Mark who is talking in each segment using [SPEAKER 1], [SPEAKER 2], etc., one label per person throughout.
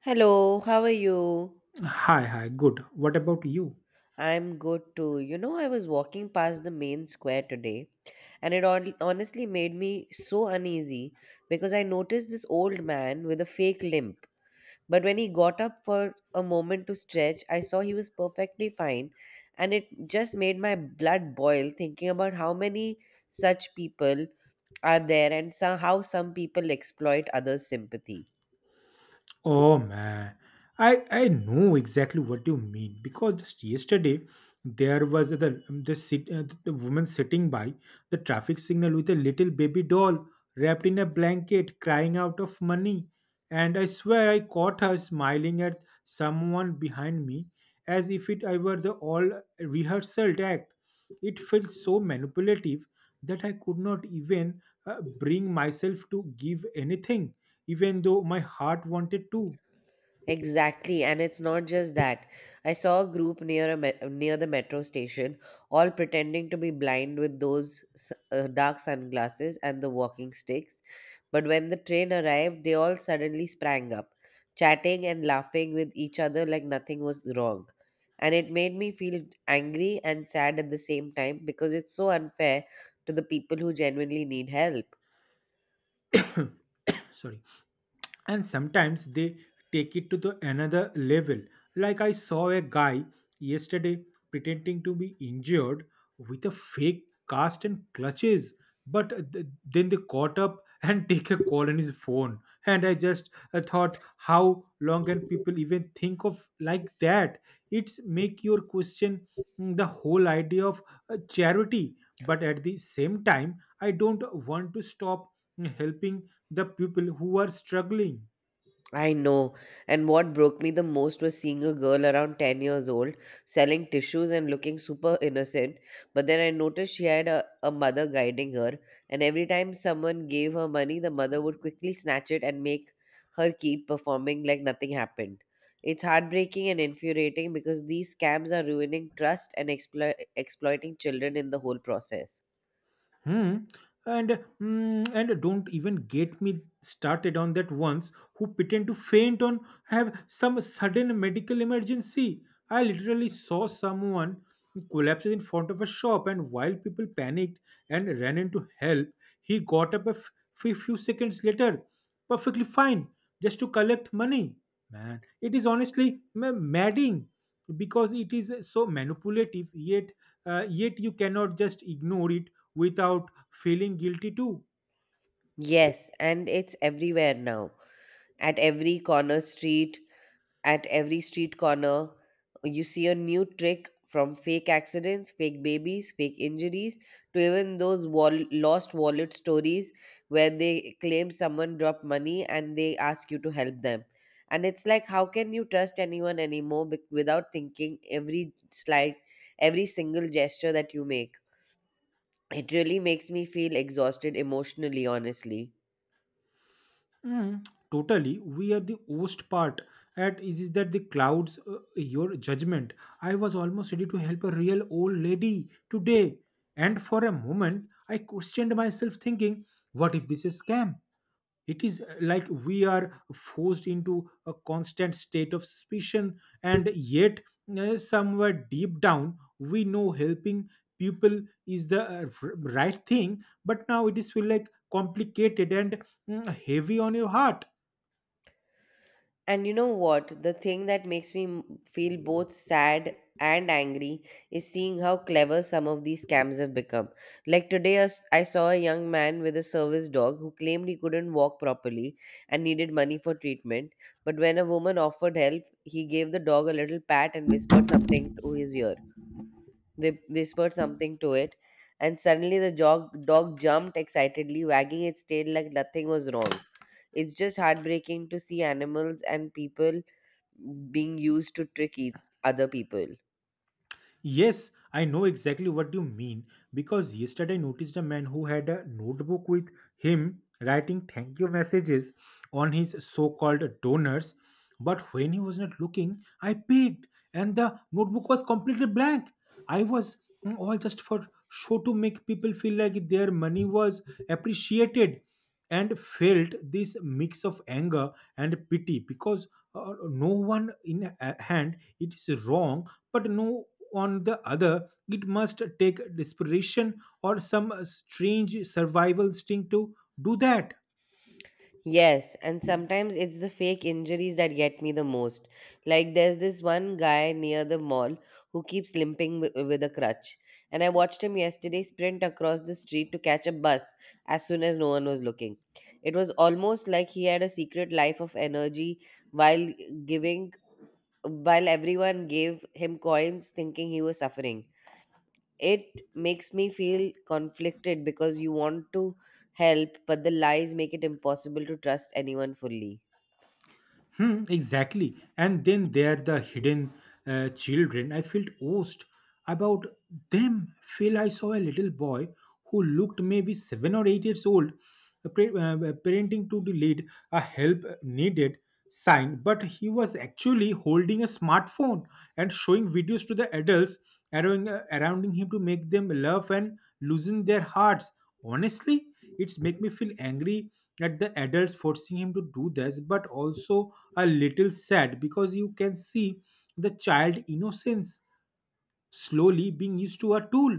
[SPEAKER 1] Hello, how are you?
[SPEAKER 2] Hi, good. What about you?
[SPEAKER 1] I'm good too. You know, I was walking past the main square today, and it honestly made me so uneasy because I noticed this old man with a fake limp. But when he got up for a moment to stretch, I saw he was perfectly fine, and it just made my blood boil thinking about how many such people are there and how some people exploit others' sympathy.
[SPEAKER 2] Oh man, I know exactly what you mean because just yesterday there was the woman sitting by the traffic signal with a little baby doll wrapped in a blanket crying out of money, and I swear I caught her smiling at someone behind me as if it I were the all rehearsal act. It felt so manipulative that I could not even bring myself to give anything, even though my heart wanted to.
[SPEAKER 1] Exactly, and it's not just that. I saw a group near the metro station, all pretending to be blind with those dark sunglasses and the walking sticks. But when the train arrived, they all suddenly sprang up, chatting and laughing with each other like nothing was wrong. And it made me feel angry and sad at the same time because it's so unfair to the people who genuinely need help.
[SPEAKER 2] Sorry. And sometimes they take it to the another level. Like I saw a guy yesterday pretending to be injured with a fake cast and clutches, but then they caught up and take a call on his phone. And I just thought, how long can people even think of like that? It's make your question, the whole idea of charity, but at the same time I don't want to stop, helping the people who are struggling.
[SPEAKER 1] I know. And what broke me the most was seeing a girl around 10 years old selling tissues and looking super innocent. But then I noticed she had a mother guiding her. And every time someone gave her money, the mother would quickly snatch it and make her keep performing like nothing happened. It's heartbreaking and infuriating because these scams are ruining trust and exploiting children in the whole process.
[SPEAKER 2] Hmm. And and don't even get me started on that ones who pretend to faint on, have some sudden medical emergency. I literally saw someone collapse in front of a shop, and while people panicked and ran in to help, he got up a few seconds later, perfectly fine, just to collect money. Man, it is honestly madding because it is so manipulative. Yet, yet you cannot just ignore it without feeling guilty too.
[SPEAKER 1] Yes, and it's everywhere now. At every corner street, At every street corner, you see a new trick from fake accidents, fake babies, fake injuries, to even those lost wallet stories where they claim someone dropped money and they ask you to help them. And it's like, how can you trust anyone anymore without thinking every slight, every single gesture that you make? It really makes me feel exhausted emotionally, honestly.
[SPEAKER 2] Totally, we are the worst part at is that the clouds your judgment. I was almost ready to help a real old lady today, and for a moment I questioned myself thinking, what if this is scam? It is like we are forced into a constant state of suspicion, and yet, somewhere deep down, we know helping people is the right thing, but now it is feel like complicated and, heavy on your heart.
[SPEAKER 1] And you know what? The thing that makes me feel both sad and angry is seeing how clever some of these scams have become. Like today, I saw a young man with a service dog who claimed he couldn't walk properly and needed money for treatment. But when a woman offered help, he gave the dog a little pat and whispered something to his ear. Whispered something to it, and suddenly the dog jumped excitedly, wagging its tail like nothing was wrong. It's just heartbreaking to see animals and people being used to trick each other people.
[SPEAKER 2] Yes, I know exactly what you mean because yesterday I noticed a man who had a notebook with him writing thank you messages on his so called donors. But when he was not looking, I peeked and the notebook was completely blank. I was, all just for show to make people feel like their money was appreciated, and felt this mix of anger and pity because, no one in a- hand it is wrong, but no on the other it must take desperation or some strange survival instinct to do that.
[SPEAKER 1] Yes, and sometimes it's the fake injuries that get me the most. Like there's this one guy near the mall who keeps limping with a crutch. And I watched him yesterday sprint across the street to catch a bus as soon as no one was looking. It was almost like he had a secret life of energy while giving while everyone gave him coins thinking he was suffering. It makes me feel conflicted because you want to help, but the lies make it impossible to trust anyone fully.
[SPEAKER 2] Hmm, exactly. And then there are the hidden children. I felt ost about them. Phil, I saw a little boy who looked maybe 7 or 8 years old, parenting to the lead a help needed sign, but he was actually holding a smartphone and showing videos to the adults around him to make them laugh and loosen their hearts. Honestly, it's make me feel angry at the adults forcing him to do this, but also a little sad because you can see the child innocence slowly being used to a tool.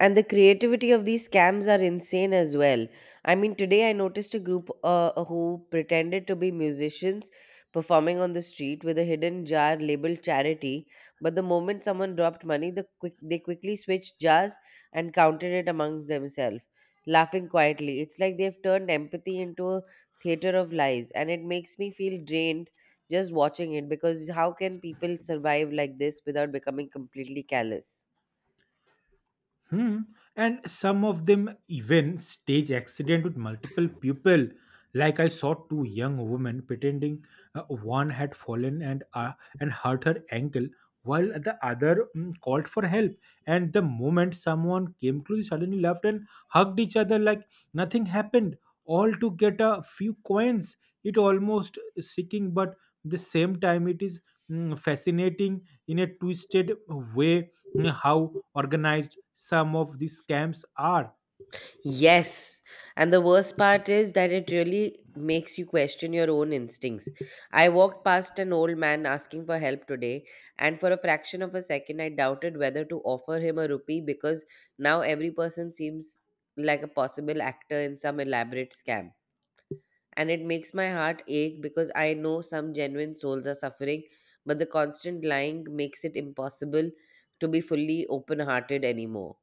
[SPEAKER 1] And the creativity of these scams are insane as well. I mean, today I noticed a group who pretended to be musicians performing on the street with a hidden jar labeled charity. But the moment someone dropped money, they quickly switched jars and counted it amongst themselves, laughing quietly. It's like they've turned empathy into a theater of lies, and it makes me feel drained just watching it because how can people survive like this without becoming completely callous?
[SPEAKER 2] Hmm. And some of them even stage accident with multiple people. Like I saw two young women pretending, one had fallen and, and hurt her ankle, while the other, called for help. And the moment someone came close, they suddenly laughed and hugged each other like nothing happened, all to get a few coins. It almost seeking, but the same time it is, fascinating in a twisted way, how organized some of these scams are.
[SPEAKER 1] Yes. And the worst part is that it really makes you question your own instincts. I walked past an old man asking for help today, and for a fraction of a second, I doubted whether to offer him a rupee because now every person seems like a possible actor in some elaborate scam. And it makes my heart ache because I know some genuine souls are suffering, but the constant lying makes it impossible to be fully open hearted anymore.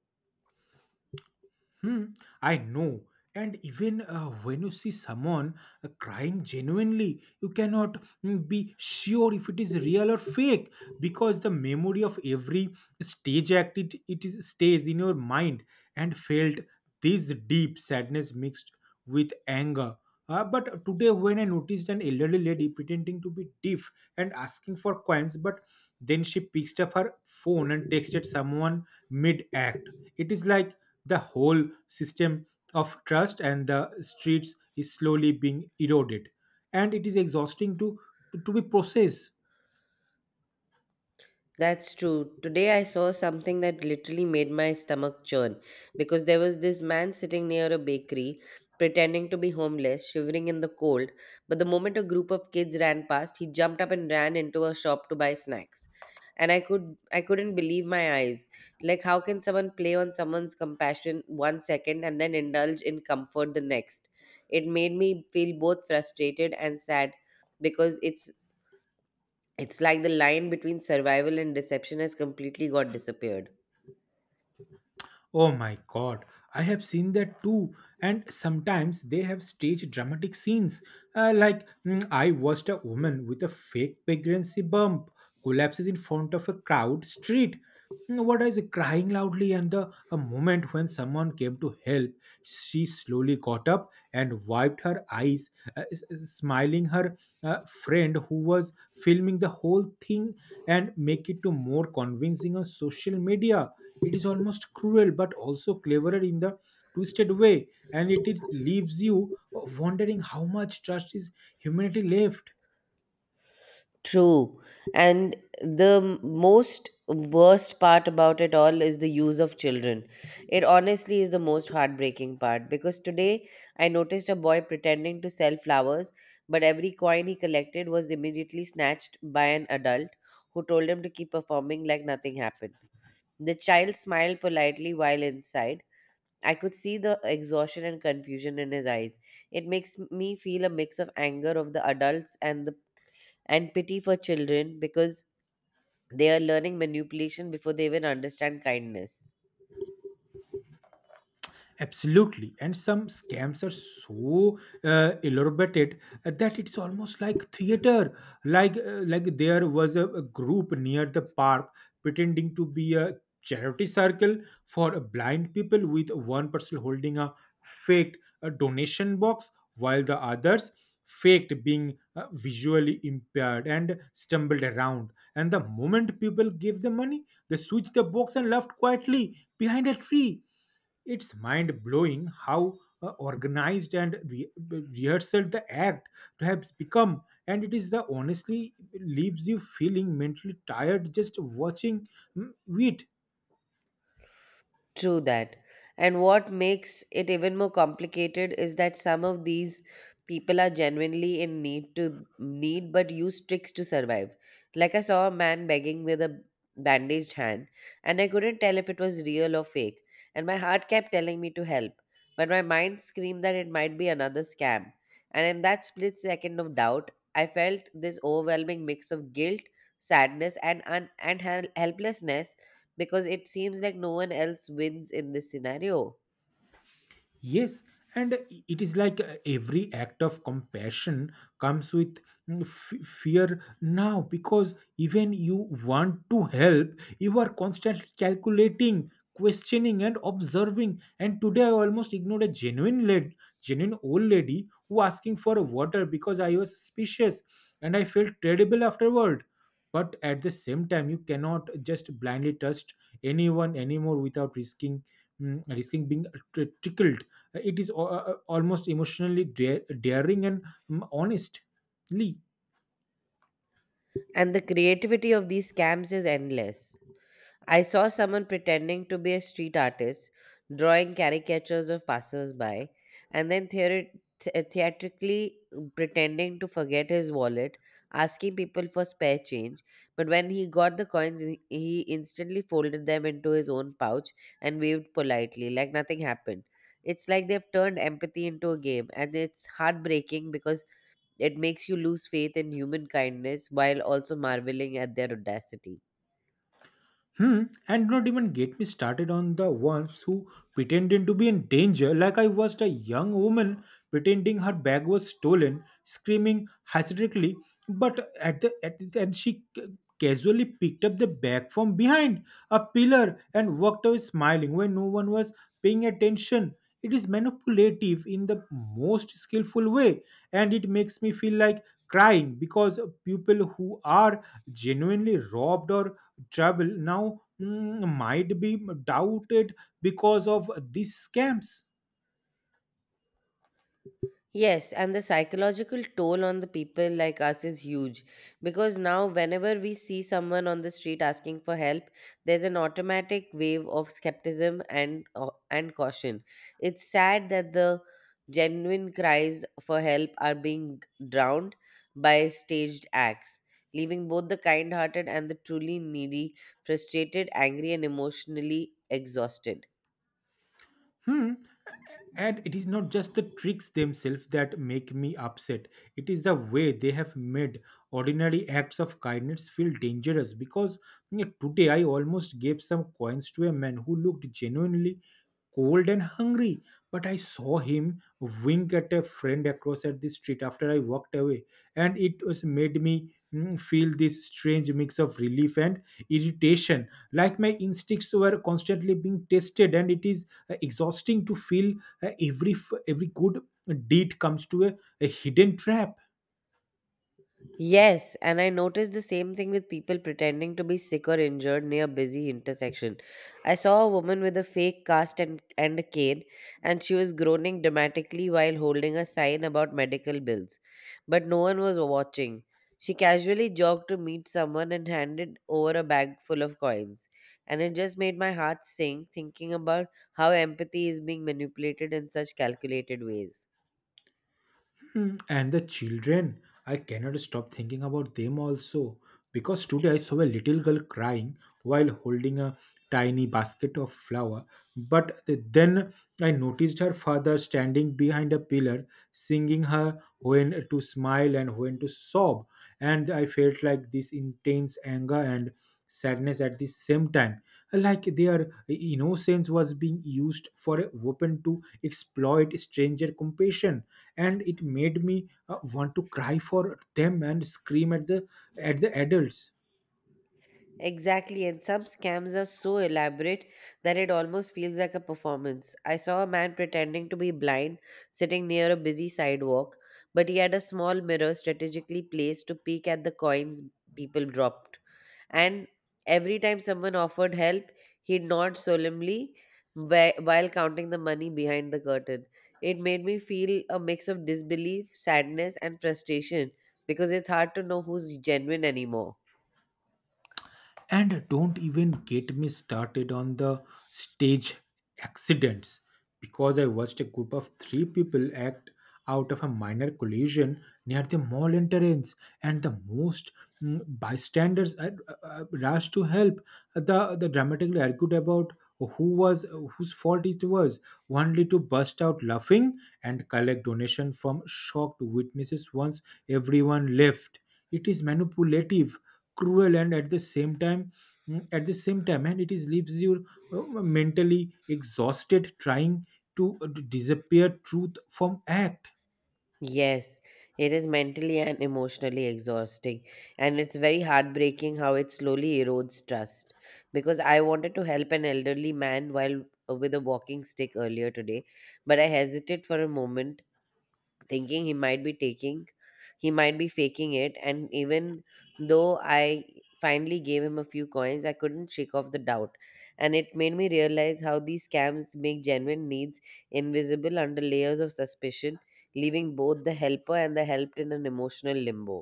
[SPEAKER 2] Hmm, I know. And even when you see someone crying genuinely, you cannot, be sure if it is real or fake because the memory of every stage act it is stays in your mind, and felt this deep sadness mixed with anger, but today, when I noticed an elderly lady pretending to be deaf and asking for coins, but then she picked up her phone and texted someone mid act. It is like the whole system of trust and the streets is slowly being eroded. And it is exhausting to be processed.
[SPEAKER 1] That's true. Today I saw something that literally made my stomach churn because there was this man sitting near a bakery pretending to be homeless, shivering in the cold. But the moment a group of kids ran past, he jumped up and ran into a shop to buy snacks. And I couldn't believe my eyes. Like how can someone play on someone's compassion 1 second and then indulge in comfort the next? It made me feel both frustrated and sad because it's like the line between survival and deception has completely got disappeared.
[SPEAKER 2] Oh my god, I have seen that too. And sometimes they have staged dramatic scenes. Like, I watched a woman with a fake pregnancy bump collapses in front of a crowd street. Mm, what is it, crying loudly? And the a moment when someone came to help, she slowly got up and wiped her eyes, smiling her friend who was filming the whole thing and make it to more convincing on social media. It is almost cruel but also cleverer in the twisted way, and it leaves you wondering how much trust is humanity left.
[SPEAKER 1] True. And the most worst part about it all is the use of children. It honestly is the most heartbreaking part because today I noticed a boy pretending to sell flowers, but every coin he collected was immediately snatched by an adult who told him to keep performing like nothing happened. The child smiled politely while inside I could see the exhaustion and confusion in his eyes. It makes me feel a mix of anger of the adults and pity for children because they are learning manipulation before they even understand kindness.
[SPEAKER 2] Absolutely. And some scams are so elaborated, that it's almost like theater. Like there was a group near the park pretending to be a charity circle for blind people, with one person holding a fake donation box while the others faked being visually impaired and stumbled around, and the moment people gave the money they switched the box and left quietly behind a tree. It's mind blowing how organized and rehearsed the act has become, and it is the honestly leaves you feeling mentally tired just watching, mm, it.
[SPEAKER 1] True that. And what makes it even more complicated is that some of these people are genuinely in need to need but use tricks to survive. Like I saw a man begging with a bandaged hand, and I couldn't tell if it was real or fake, and my heart kept telling me to help, but my mind screamed that it might be another scam. And in that split second of doubt, I felt this overwhelming mix of guilt, sadness, and helplessness because it seems like no one else wins in this scenario.
[SPEAKER 2] Yes, and it is like every act of compassion comes with, fear now, because even you want to help, you are constantly calculating, questioning, and observing. And today I almost ignored genuine old lady who asking for water because I was suspicious, and I felt terrible afterward, but at the same time you cannot just blindly trust anyone anymore without risking being trickled. It is almost emotionally daring and, honestly.
[SPEAKER 1] And the creativity of these scams is endless. I saw someone pretending to be a street artist, drawing caricatures of passersby, and then theatrically pretending to forget his wallet, asking people for spare change. But when he got the coins, he instantly folded them into his own pouch and waved politely, like nothing happened. It's like they've turned empathy into a game, and it's heartbreaking because it makes you lose faith in human kindness while also marveling at their audacity.
[SPEAKER 2] Hmm. And not even get me started on the ones who pretended to be in danger, like I was a young woman pretending her bag was stolen, screaming hysterically. But and she casually picked up the bag from behind a pillar and walked away smiling when no one was paying attention. It is manipulative in the most skillful way, and it makes me feel like crying because people who are genuinely robbed or trouble now, might be doubted because of these scams.
[SPEAKER 1] Yes, and the psychological toll on the people like us is huge because now, whenever we see someone on the street asking for help, there's an automatic wave of skepticism and caution. It's sad that the genuine cries for help are being drowned by staged acts, leaving both the kind-hearted and the truly needy frustrated, angry, and emotionally exhausted.
[SPEAKER 2] Hmm. And it is not just the tricks themselves that make me upset. It is the way they have made ordinary acts of kindness feel dangerous. Because you know, today I almost gave some coins to a man who looked genuinely cold and hungry, but I saw him wink at a friend across at the street after I walked away, and it was made me, feel this strange mix of relief and irritation, like my instincts were constantly being tested. And it is exhausting to feel, every good deed comes to a hidden trap.
[SPEAKER 1] Yes, and I noticed the same thing with people pretending to be sick or injured near busy intersection. I saw a woman with a fake cast and a cane, and she was groaning dramatically while holding a sign about medical bills. But no one was watching. She casually jogged to meet someone and handed over a bag full of coins. And it just made my heart sink thinking about how empathy is being manipulated in such calculated ways.
[SPEAKER 2] Mm, and the children, I cannot stop thinking about them also. Because today I saw a little girl crying while holding a tiny basket of flour. But then I noticed her father standing behind a pillar, singing her when to smile and when to sob. And I felt like this intense anger and sadness at the same time, like their innocence was being used for a weapon to exploit stranger compassion, and it made me want to cry for them and scream at the adults.
[SPEAKER 1] Exactly, and some scams are so elaborate that it almost feels like a performance. I saw a man pretending to be blind sitting near a busy sidewalk, but he had a small mirror strategically placed to peek at the coins people dropped. And every time someone offered help, he nodded solemnly while counting the money behind the curtain. It made me feel a mix of disbelief, sadness, and frustration because it's hard to know who's genuine anymore.
[SPEAKER 2] And don't even get me started on the stage accidents, because I watched a group of 3 people act out of a minor collision near the mall entrance, and the most, bystanders rushed to help. The dramatically argued about who was whose fault it was, only to burst out laughing and collect donation from shocked witnesses once everyone left. It is manipulative, cruel, and at the same time, and it is leaves you mentally exhausted trying to disappear truth from act.
[SPEAKER 1] Yes, it is mentally and emotionally exhausting, and it's very heartbreaking how it slowly erodes trust. Because I wanted to help an elderly man while with a walking stick earlier today, but I hesitated for a moment thinking he might be faking it. And even though I finally gave him a few coins, I couldn't shake off the doubt, and it made me realize how these scams make genuine needs invisible under layers of suspicion, leaving both the helper and the helped in an emotional limbo.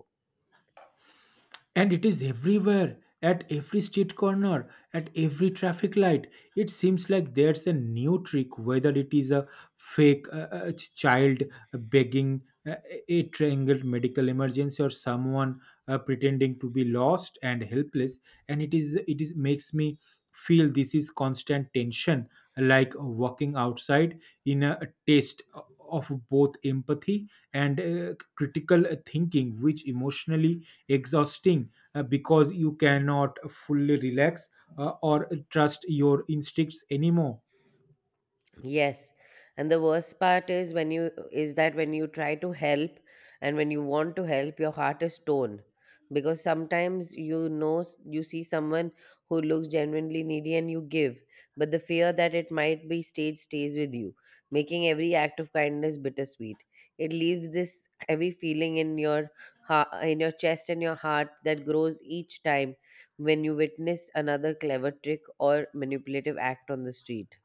[SPEAKER 2] And it is everywhere, at every street corner, at every traffic light. It seems like there's a new trick, whether it is a fake child begging, a triangle medical emergency, or someone pretending to be lost and helpless. And it is makes me feel this is constant tension, like walking outside in a taste of both empathy and critical thinking, which emotionally exhausting, because you cannot fully relax or trust your instincts anymore.
[SPEAKER 1] Yes. And the worst part is when you is that when you try to help and when you want to help, your heart is torn because sometimes, you know, you see someone who looks genuinely needy and you give, but the fear that it might be staged stays with you, making every act of kindness bittersweet. It leaves this heavy feeling in your heart, in your chest and your heart that grows each time when you witness another clever trick or manipulative act on the street.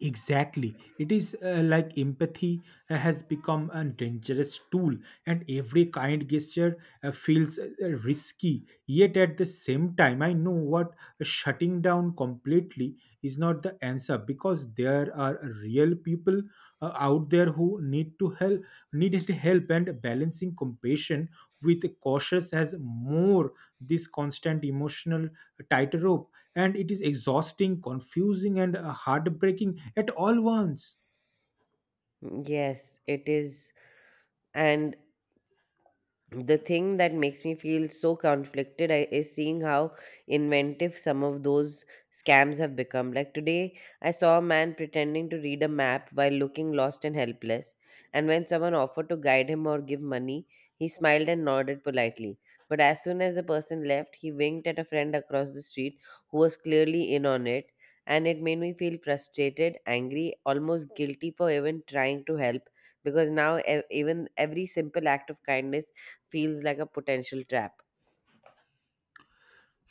[SPEAKER 2] Exactly. It is like empathy has become a dangerous tool, and every kind gesture feels risky. Yet, at the same time, I know what shutting down completely is not the answer because there are real people out there who need to help need help, and balancing compassion with cautious has more this constant emotional tightrope, and it is exhausting, confusing, and heartbreaking at all once.
[SPEAKER 1] Yes, it is. And the thing that makes me feel so conflicted is seeing how inventive some of those scams have become. Like today, I saw a man pretending to read a map while looking lost and helpless, and when someone offered to guide him or give money, he smiled and nodded politely, but as soon as the person left, he winked at a friend across the street who was clearly in on it. And it made me feel frustrated, angry, almost guilty for even trying to help, because now even every simple act of kindness feels like a potential trap.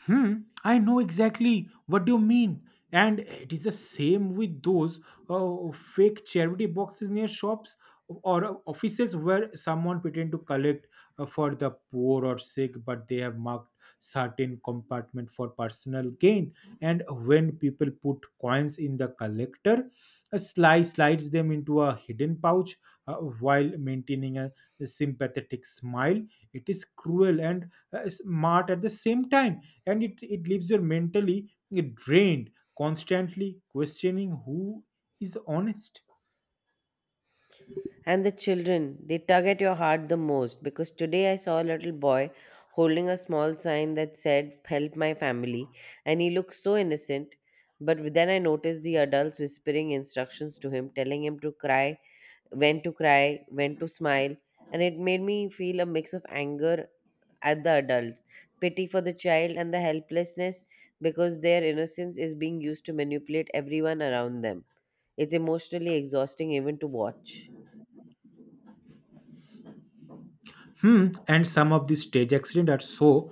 [SPEAKER 2] Hmm, I know exactly what you mean. And it is the same with those fake charity boxes near shops or offices where someone pretend to collect for the poor or sick, but they have marked certain compartment for personal gain. And when people put coins in the collector, a slice slides them into a hidden pouch while maintaining a sympathetic smile. It is cruel and smart at the same time, and it leaves you mentally drained, constantly questioning who is honest.
[SPEAKER 1] And the children, they tug at your heart the most, because today I saw a little boy holding a small sign that said, "Help my family," and he looked so innocent. But then I noticed the adults whispering instructions to him, telling him to cry, when to cry, when to smile, and it made me feel a mix of anger at the adults, pity for the child, and the helplessness, because their innocence is being used to manipulate everyone around them. It's emotionally exhausting even to watch.
[SPEAKER 2] Hmm, and some of these stage accidents are so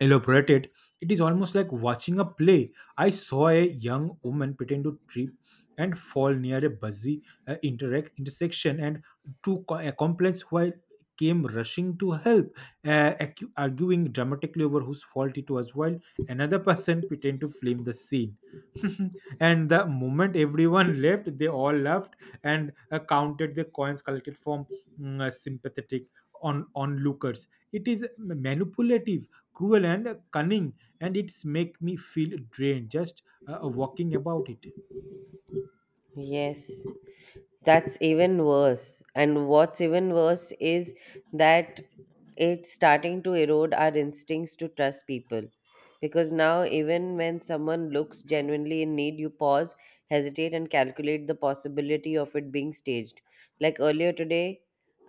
[SPEAKER 2] elaborated, it is almost like watching a play. I saw a young woman pretend to trip and fall near a busy interact intersection, and accomplices while came rushing to help, arguing dramatically over whose fault it was, while another person pretended to film the scene. And the moment everyone left, they all laughed and counted the coins collected from sympathetic on onlookers. It is manipulative, cruel, and cunning, and it's make me feel drained just walking about it.
[SPEAKER 1] Yes. That's even worse. And what's even worse is that it's starting to erode our instincts to trust people. Because now, even when someone looks genuinely in need, you pause, hesitate, and calculate the possibility of it being staged. Like earlier today,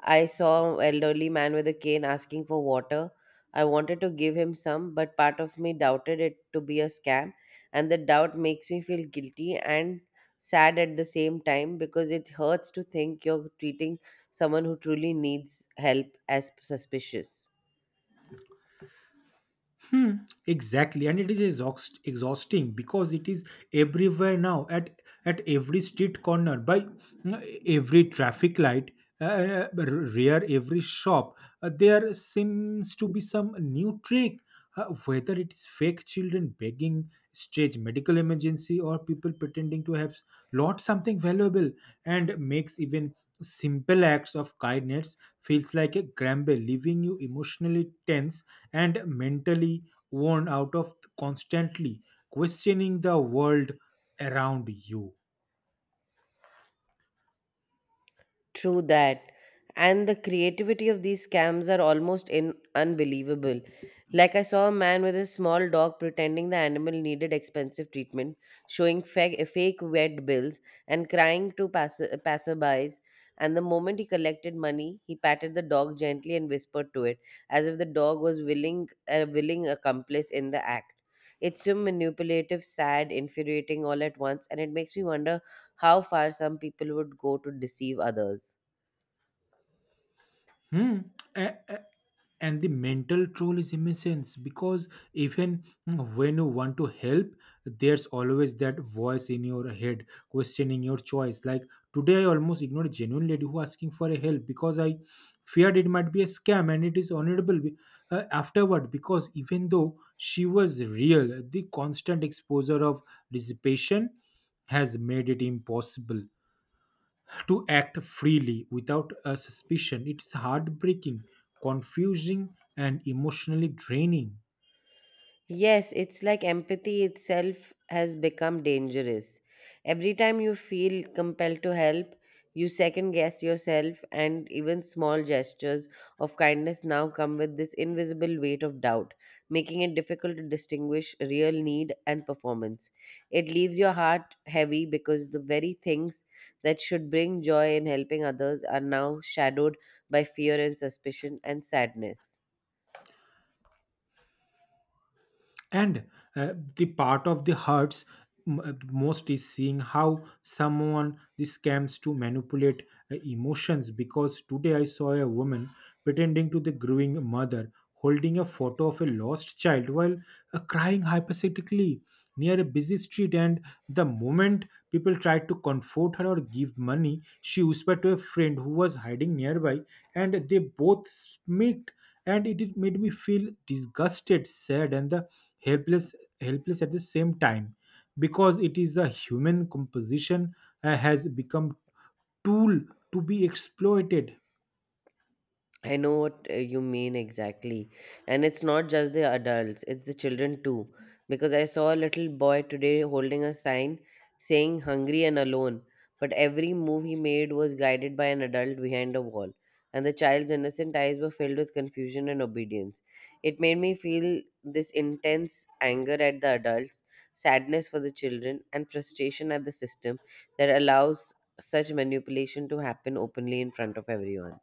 [SPEAKER 1] I saw an elderly man with a cane asking for water. I wanted to give him some, but part of me doubted it to be a scam, and the doubt makes me feel guilty and sad at the same time, because it hurts to think you're treating someone who truly needs help as suspicious.
[SPEAKER 2] Hmm, exactly, and exhausting because it is everywhere now, at every street corner, by every traffic light, rear every shop. There seems to be some new trick, whether it is fake children begging, strange medical emergency, or people pretending to have lost something valuable, and makes even simple acts of kindness feels like a grumble, leaving you emotionally tense and mentally worn out of constantly questioning the world around you.
[SPEAKER 1] True that. And the creativity of these scams are almost unbelievable. Like, I saw a man with a small dog pretending the animal needed expensive treatment, showing fake vet bills, and crying to passerbys. And the moment he collected money, he patted the dog gently and whispered to it, as if the dog was willing accomplice in the act. It's so manipulative, sad, infuriating all at once, and it makes me wonder how far some people would go to deceive others.
[SPEAKER 2] Hmm. A- a- And the mental toll is immense because even when you want to help, there's always that voice in your head questioning your choice. Like today, I almost ignored a genuine lady who asking for a help because I feared it might be a scam, and it is honorable afterward because even though she was real, the constant exposure of dissipation has made it impossible to act freely without a suspicion. It is heartbreaking, confusing, and emotionally draining.
[SPEAKER 1] Yes, it's like empathy itself has become dangerous. Every time you feel compelled to help, you second guess yourself, and even small gestures of kindness now come with this invisible weight of doubt, making it difficult to distinguish real need and performance. It leaves your heart heavy, because the very things that should bring joy in helping others are now shadowed by fear and suspicion and sadness.
[SPEAKER 2] And the part of the hurts most is seeing how someone this scams to manipulate emotions because today I saw a woman pretending to the growing mother holding a photo of a lost child while crying hypothetically near a busy street, and the moment people tried to comfort her or give money she whispered to a friend who was hiding nearby and they both smirked, and it made me feel disgusted, sad, and the helpless helpless at the same time because it is a human composition has become tool to be exploited.
[SPEAKER 1] I know what you mean exactly. And it's not just the adults, it's the children too. Because I saw a little boy today holding a sign saying hungry and alone. But every move he made was guided by an adult behind a wall. And the child's innocent eyes were filled with confusion and obedience. It made me feel this intense anger at the adults, sadness for the children, and frustration at the system that allows such manipulation to happen openly in front of everyone.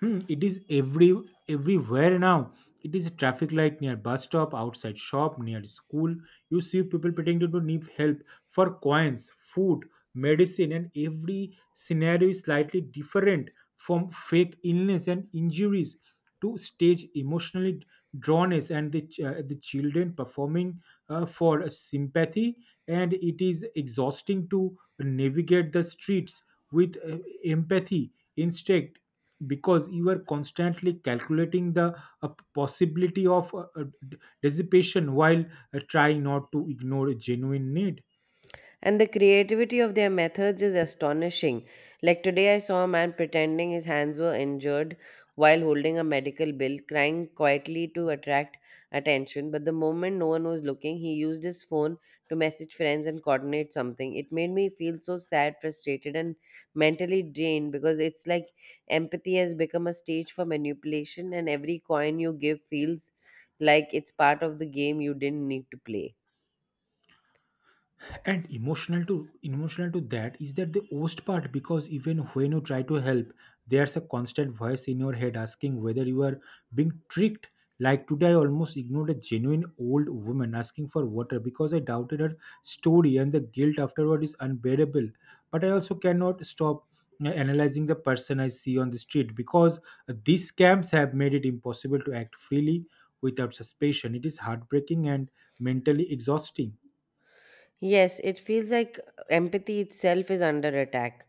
[SPEAKER 2] Hmm, it is everywhere now. It is a traffic light near bus stop, outside shop, near school. You see people pretending to need help for coins, food, medicine, and every scenario is slightly different, from fake illness and injuries to stage emotionally drawnness and the children performing for sympathy. And it is exhausting to navigate the streets with empathy instinct because you are constantly calculating the uh, possibility of dissipation while trying not to ignore a genuine need.
[SPEAKER 1] And the creativity of their methods is astonishing. Like today, I saw a man pretending his hands were injured while holding a medical bill, crying quietly to attract attention. But the moment no one was looking, he used his phone to message friends and coordinate something. It made me feel so sad, frustrated, and mentally drained, because it's like empathy has become a stage for manipulation, and every coin you give feels like it's part of the game you didn't need to play.
[SPEAKER 2] And emotional to emotional to that is that the worst part because even when you try to help, there's a constant voice in your head asking whether you are being tricked. Like today, I almost ignored a genuine old woman asking for water because I doubted her story, and the guilt afterward is unbearable. But I also cannot stop analyzing the person I see on the street because these scams have made it impossible to act freely without suspicion. It is heartbreaking and mentally exhausting.
[SPEAKER 1] Yes, it feels like empathy itself is under attack,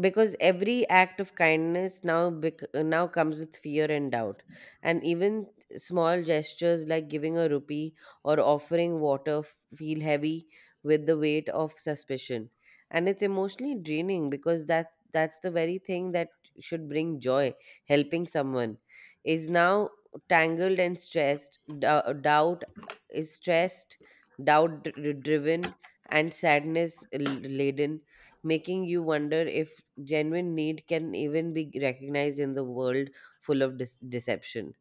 [SPEAKER 1] because every act of kindness now now comes with fear and doubt, and even small gestures like giving a rupee or offering water feel heavy with the weight of suspicion. And it's emotionally draining, because that's the very thing that should bring joy, helping someone, is now tangled and stressed, doubt is stressed, doubt driven, and sadness laden, making you wonder if genuine need can even be recognized in the world full of deception.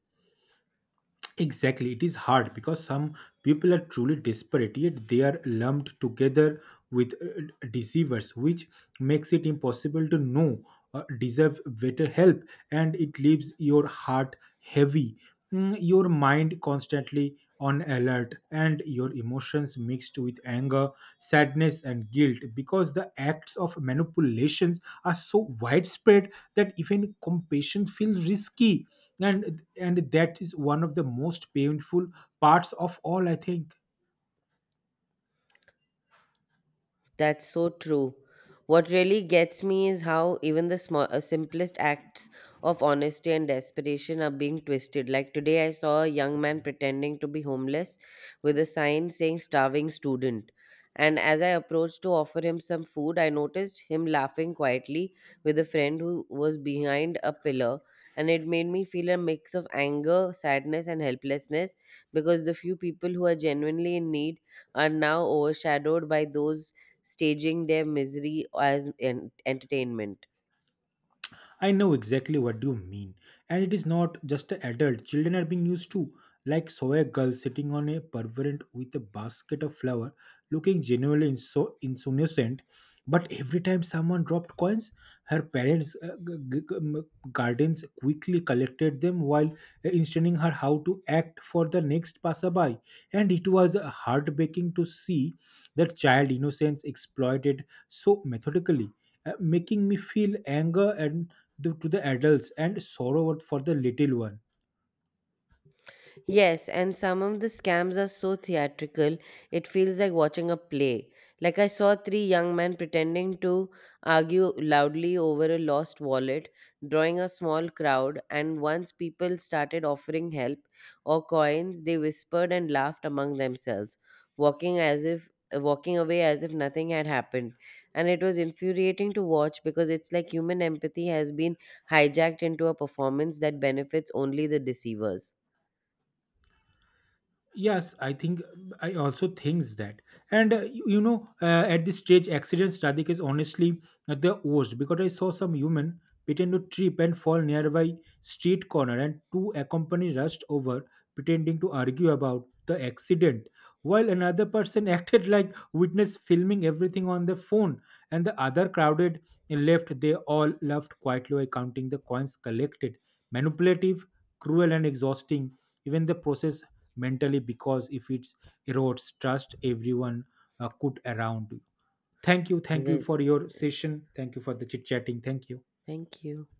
[SPEAKER 2] Exactly, it is hard because some people are truly desperate, yet they are lumped together with deceivers, which makes it impossible to know deserve better help, and it leaves your heart heavy, your mind constantly on alert and your emotions mixed with anger, sadness, and guilt because the acts of manipulations are so widespread that even compassion feels risky. And that is one of the most painful parts of all, I think.
[SPEAKER 1] That's so true. What really gets me is how even the small, simplest acts of honesty and desperation are being twisted. Like today, I saw a young man pretending to be homeless with a sign saying starving student. And as I approached to offer him some food, I noticed him laughing quietly with a friend who was behind a pillar. And it made me feel a mix of anger, sadness, and helplessness, because the few people who are genuinely in need are now overshadowed by those staging their misery as entertainment.
[SPEAKER 2] I know exactly what you mean. And it is not just the adult. Children are being used to, like saw a girl sitting on a pavement with a basket of flour, looking genuinely so innocent. But every time someone dropped coins, her guardians quickly collected them while instructing her how to act for the next passerby. And it was heartbreaking to see that child innocence exploited so methodically, making me feel anger and the, to the adults, and sorrow for the little one.
[SPEAKER 1] Yes, and some of the scams are so theatrical, it feels like watching a play. Like I saw three young men pretending to argue loudly over a lost wallet, drawing a small crowd, and once people started offering help or coins, they whispered and laughed among themselves, walking away as if nothing had happened. And it was infuriating to watch, because it's like human empathy has been hijacked into a performance that benefits only the deceivers.
[SPEAKER 2] Yes, I think I also thinks that. And at this stage accidents radik is honestly the worst because I saw some human pretend to trip and fall nearby street corner, and two accompany rushed over pretending to argue about the accident while another person acted like witness filming everything on the phone, and the other crowded left, they all laughed quietly while counting the coins collected. Manipulative, cruel, and exhausting even the process mentally because if it erodes trust everyone could around you. Thank you, thank you
[SPEAKER 1] The,
[SPEAKER 2] for your session, thank you for the chit chatting, thank you.
[SPEAKER 1] thank you.